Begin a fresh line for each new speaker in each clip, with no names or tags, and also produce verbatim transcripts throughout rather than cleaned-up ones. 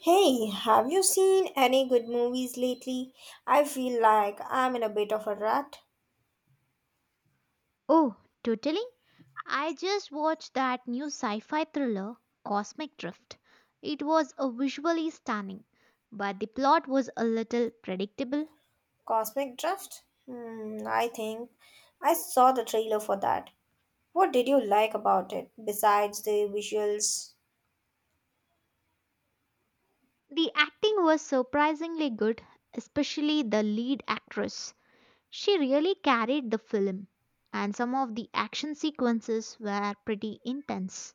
Hey, have you seen any good movies lately? I feel like I'm in a bit of a rut.
Oh, totally. I just watched that new sci fi thriller, Cosmic Drift. It was a visually stunning, but the plot was a little predictable.
Cosmic Drift? Hmm, I think I saw the trailer for that. What did you like about it besides the visuals?
The acting was surprisingly good, especially the lead actress. She really carried the film, and some of the action sequences were pretty intense.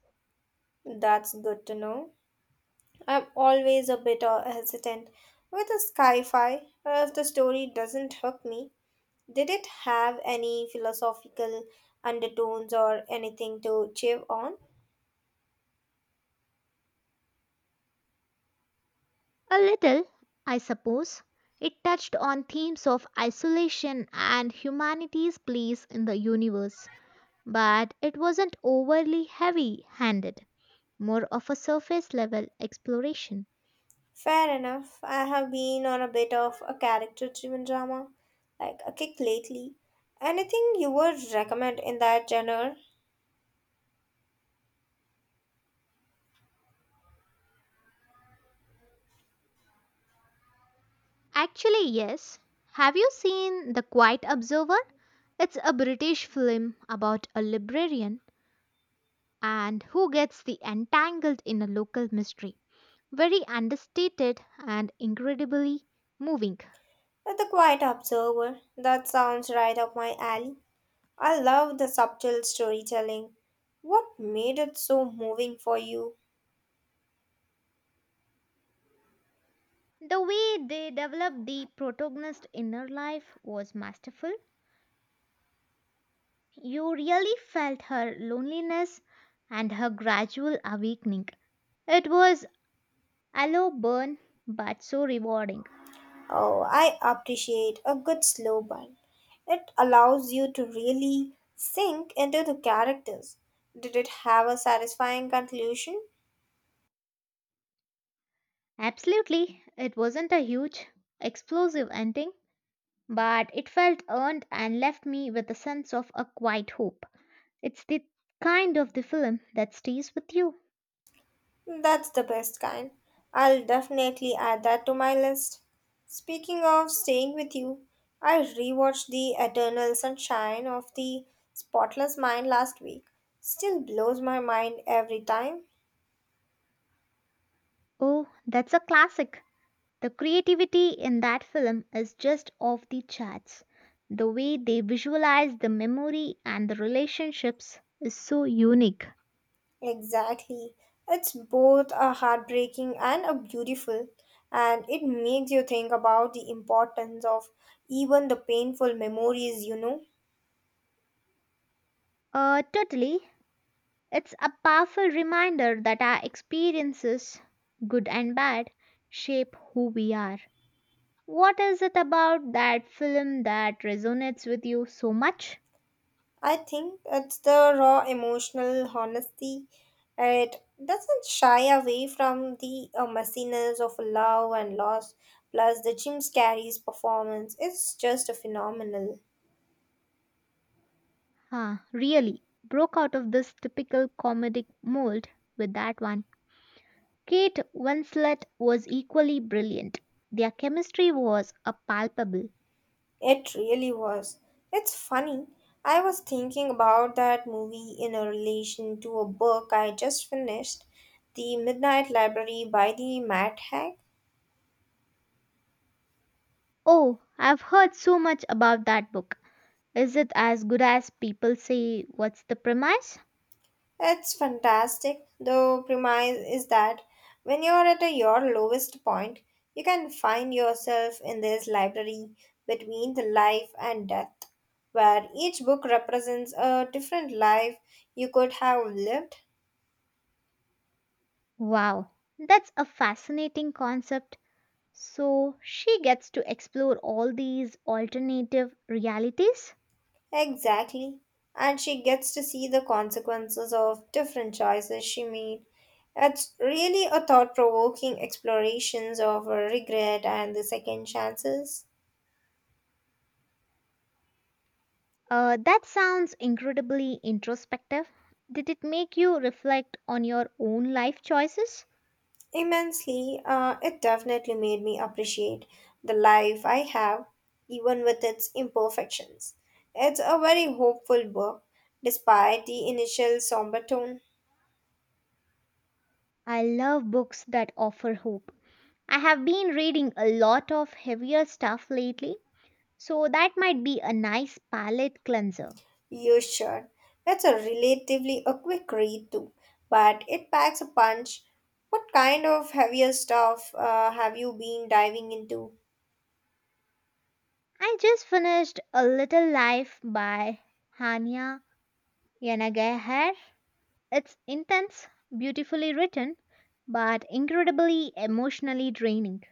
That's good to know. I'm always a bit uh, hesitant with a sci-fi uh, if the story doesn't hook me. Did it have any philosophical undertones or anything to chew on?
A little, I suppose. It touched on themes of isolation and humanity's place in the universe but it wasn't overly heavy handed, more of a surface level exploration.
Fair enough. I have been on a bit of a character driven drama, like a kick lately. Anything you would recommend in that genre?
Actually, yes. Have you seen The Quiet Observer? It's a British film about a librarian and who gets the entangled in a local mystery. Very understated and incredibly moving.
The Quiet Observer. That sounds right up my alley. I love the subtle storytelling. What made it so moving for you?
The way they developed the protagonist's inner life was masterful. You really felt her loneliness and her gradual awakening. It was a low burn, but so rewarding.
Oh, I appreciate a good slow burn. It allows you to really sink into the characters. Did it have a satisfying conclusion?
Absolutely, it wasn't a huge, explosive ending, but it felt earned and left me with a sense of a quiet hope. It's the kind of the film that stays with you.
That's the best kind. I'll definitely add that to my list. Speaking of staying with you, I rewatched The Eternal Sunshine of the Spotless Mind last week. Still blows my mind every time.
Oh, that's a classic. The creativity in that film is just off the charts. The way they visualize the memory and the relationships is so unique.
Exactly. It's both a heartbreaking and a beautiful and it makes you think about the importance of even the painful memories, you know.
Uh, totally. It's a powerful reminder that our experiences, good and bad, shape who we are. What is it about that film that resonates with you so much?
I think it's the raw emotional honesty. It doesn't shy away from the uh, messiness of love and loss, plus the Jim Carrey's performance. Is just phenomenal.
Huh, really, broke out of this typical comedic mold with that one. Kate Winslet was equally brilliant. Their chemistry was a palpable.
It really was. It's funny. I was thinking about that movie in a relation to a book I just finished, The Midnight Library by the Matt Haig.
Oh, I've heard so much about that book. Is it as good as people say? What's the premise?
It's fantastic. The premise is that when you're at your lowest point, you can find yourself in this library between the life and death, where each book represents a different life you could have lived.
Wow, that's a fascinating concept. So she gets to explore all these alternative realities?
Exactly. And she gets to see the consequences of different choices she made. It's really a thought provoking explorations of regret and the second chances.
Uh, that sounds incredibly introspective. Did it make you reflect on your own life choices?
Immensely, uh, it definitely made me appreciate the life I have, even with its imperfections. It's a very hopeful book, despite the initial somber tone.
I love books that offer hope. I have been reading a lot of heavier stuff lately, so that might be a nice palate cleanser.
You should. It's a relatively a quick read too, but it packs a punch. What kind of heavier stuff uh, have you been diving into?
I just finished A Little Life by Hania Yanagihar. It's intense, beautifully written, but incredibly emotionally draining.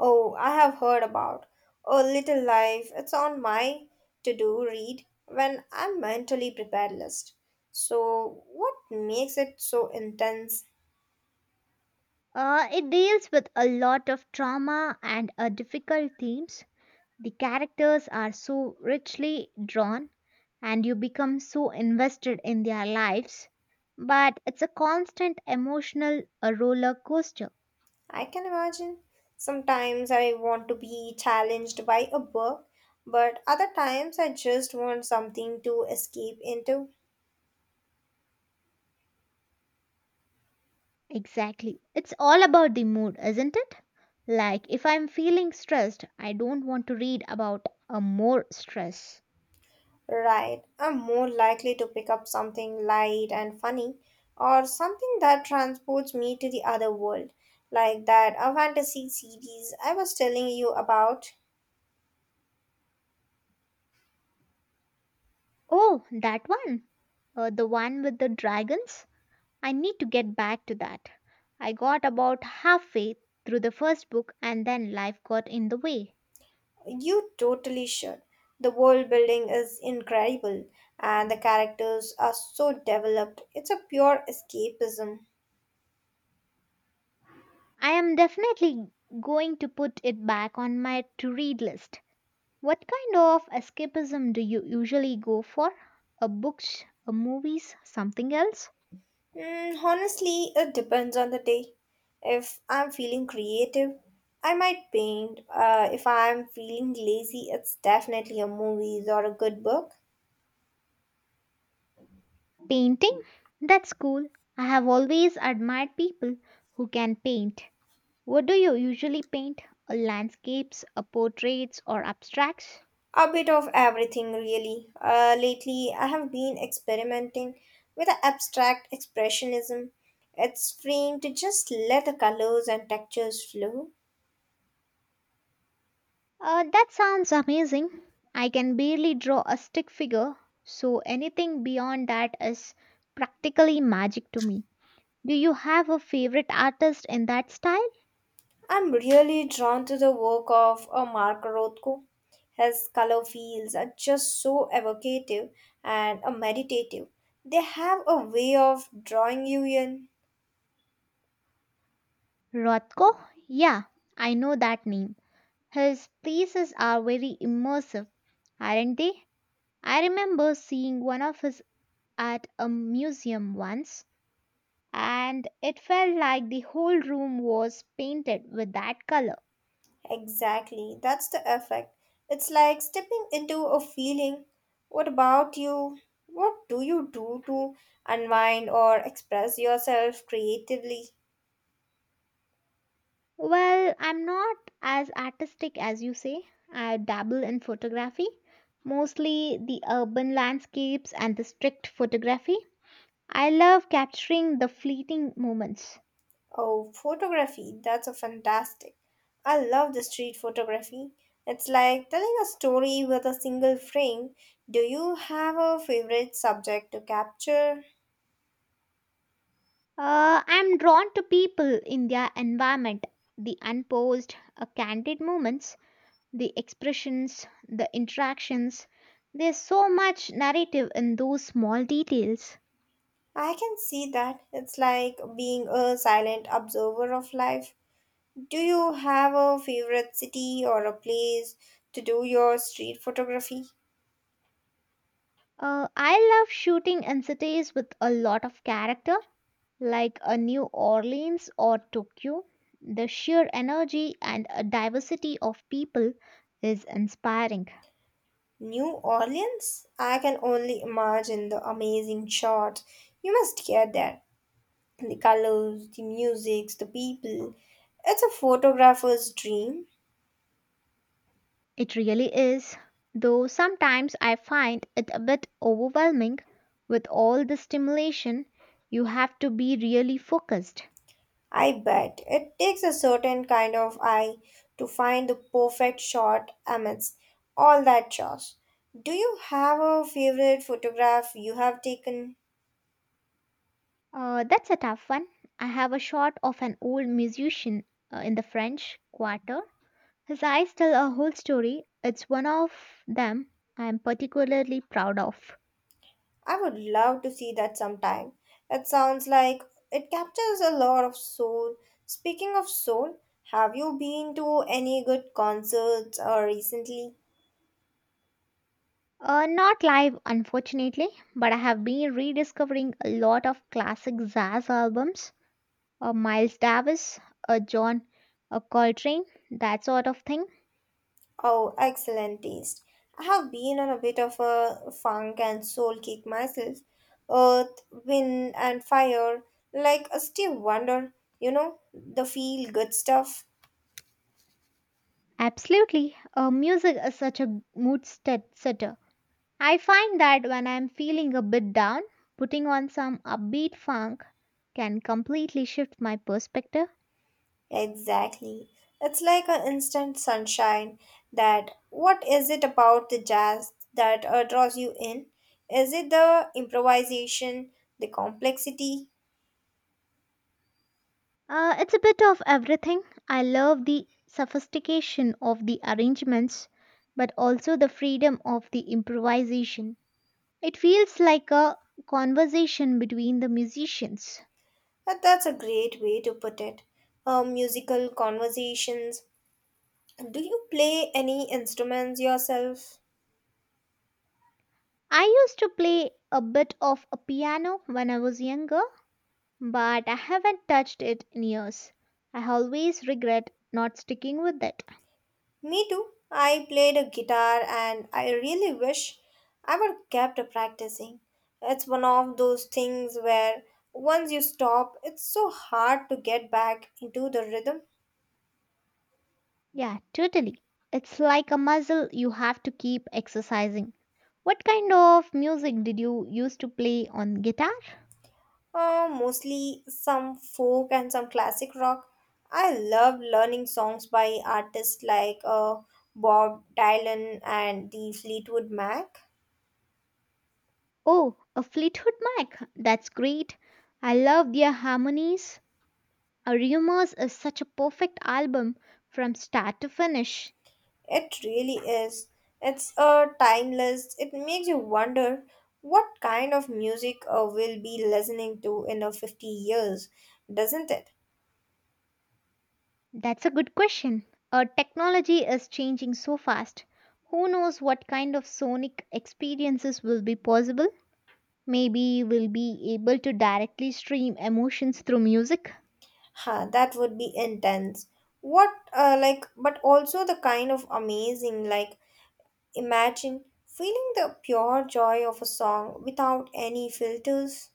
Oh, I have heard about A Little Life. It's on my to-do read when I'm mentally prepared list. So, what makes it so intense?
Uh, it deals with a lot of trauma and uh, difficult themes. The characters are so richly drawn, and you become so invested in their lives. But it's a constant emotional uh, roller coaster.
I can imagine. Sometimes I want to be challenged by a book, but other times I just want something to escape into.
Exactly. It's all about the mood, isn't it? Like, if I'm feeling stressed, I don't want to read about a more stress.
Right, I'm more likely to pick up something light and funny or something that transports me to the other world, like that a fantasy series I was telling you about.
Oh, that one. Uh, the one with the dragons? I need to get back to that. I got about halfway through the first book and then life got in the way.
You totally should. The world building is incredible and the characters are so developed. It's a pure escapism.
I am definitely going to put it back on my to read list. What kind of escapism do you usually go for? A books, a movies, something else?
Mm, honestly, it depends on the day. If I'm feeling creative, I might paint. Uh, if I'm feeling lazy, it's definitely a movies or a good book.
Painting? That's cool. I have always admired people who can paint. What do you usually paint? Uh, Landscapes, uh, portraits, or abstracts?
A bit of everything, really. Uh, lately, I have been experimenting with a abstract expressionism. It's freeing to just let the colors and textures flow.
Uh, that sounds amazing. I can barely draw a stick figure, so anything beyond that is practically magic to me. Do you have a favorite artist in that style?
I'm really drawn to the work of uh, Mark Rothko. His color fields are just so evocative and uh, meditative. They have a way of drawing you in.
Rothko? Yeah, I know that name. His pieces are very immersive, aren't they? I remember seeing one of his at a museum once, and it felt like the whole room was painted with that color.
Exactly, that's the effect. It's like stepping into a feeling. What about you? What do you do to unwind or express yourself creatively?
Well, I'm not as artistic as you say. I dabble in photography, mostly the urban landscapes and the strict photography. I love capturing the fleeting moments.
Oh, photography, that's a fantastic. I love the street photography. It's like telling a story with a single frame. Do you have a favorite subject to capture?
Uh, I'm drawn to people in their environment, the unposed, uh, candid moments, the expressions, the interactions. There's so much narrative in those small details.
I can see that. It's like being a silent observer of life. Do you have a favorite city or a place to do your street photography?
Uh, I love shooting in cities with a lot of character, like a New Orleans or Tokyo. The sheer energy and uh, diversity of people is inspiring.
New Orleans? I can only imagine the amazing shot you must get there. The colors, the musics, the people. It's a photographer's dream.
It really is, though sometimes I find it a bit overwhelming with all the stimulation. You have to be really focused.
I bet. It takes a certain kind of eye to find the perfect shot amidst all that chaos. Do you have a favorite photograph you have taken?
Uh, that's a tough one. I have a shot of an old musician uh, in the French Quarter. His eyes tell a whole story. It's one of them I'm particularly proud of.
I would love to see that sometime. It sounds like it captures a lot of soul. Speaking of soul, have you been to any good concerts or recently?
Uh, not live, unfortunately, but I have been rediscovering a lot of classic jazz albums, uh, Miles Davis, uh, John uh, Coltrane, that sort of thing.
Oh, excellent taste. I have been on a bit of a funk and soul kick myself. Earth, wind, and fire, like a Steve Wonder, you know, the feel good stuff.
Absolutely, uh, music is such a mood set- setter. I find that when I'm feeling a bit down, putting on some upbeat funk can completely shift my perspective.
Exactly. It's like an instant sunshine. That what is it about the jazz that uh, draws you in? Is it the improvisation, the complexity?
Uh, it's a bit of everything. I love the sophistication of the arrangements, but also the freedom of the improvisation. It feels like a conversation between the musicians.
That, that's a great way to put it. Uh, musical conversations. Do you play any instruments yourself?
I used to play a bit of a piano when I was younger, but I haven't touched it in years. I always regret not sticking with it.
Me too. I played a guitar and I really wish I would kept practicing. It's one of those things where once you stop, it's so hard to get back into the rhythm.
Yeah, totally. It's like a muscle you have to keep exercising. What kind of music did you used to play on guitar?
Uh, mostly some folk and some classic rock. I love learning songs by artists like uh, Bob Dylan and the Fleetwood Mac.
Oh, a Fleetwood Mac. That's great. I love their harmonies. A Rumors is such a perfect album from start to finish.
It really is. It's a timeless. It makes you wonder what kind of music uh, we'll be listening to in a fifty years, doesn't it?
That's a good question. Our technology is changing so fast. Who knows what kind of sonic experiences will be possible? Maybe we'll be able to directly stream emotions through music.
Huh, that would be intense. What, uh, like, but also the kind of amazing, like, imagine feeling the pure joy of a song without any filters.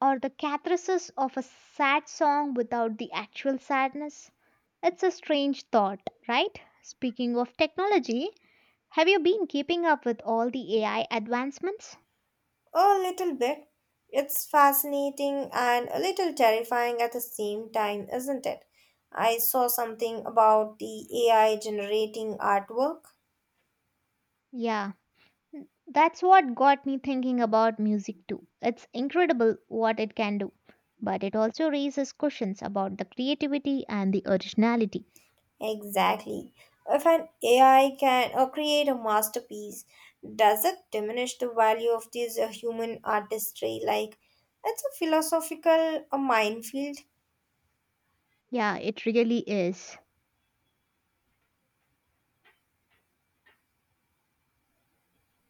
Or the catharsis of a sad song without the actual sadness? It's a strange thought, right? Speaking of technology, have you been keeping up with all the A I advancements?
A little bit. It's fascinating and a little terrifying at the same time, isn't it? I saw something about the A I generating artwork.
Yeah, n- that's what got me thinking about music too. It's incredible what it can do, but it also raises questions about the creativity and the originality.
Exactly. If an A I can uh, create a masterpiece, does it diminish the value of this uh, human artistry? Like, it's a philosophical uh, minefield.
Yeah, it really is.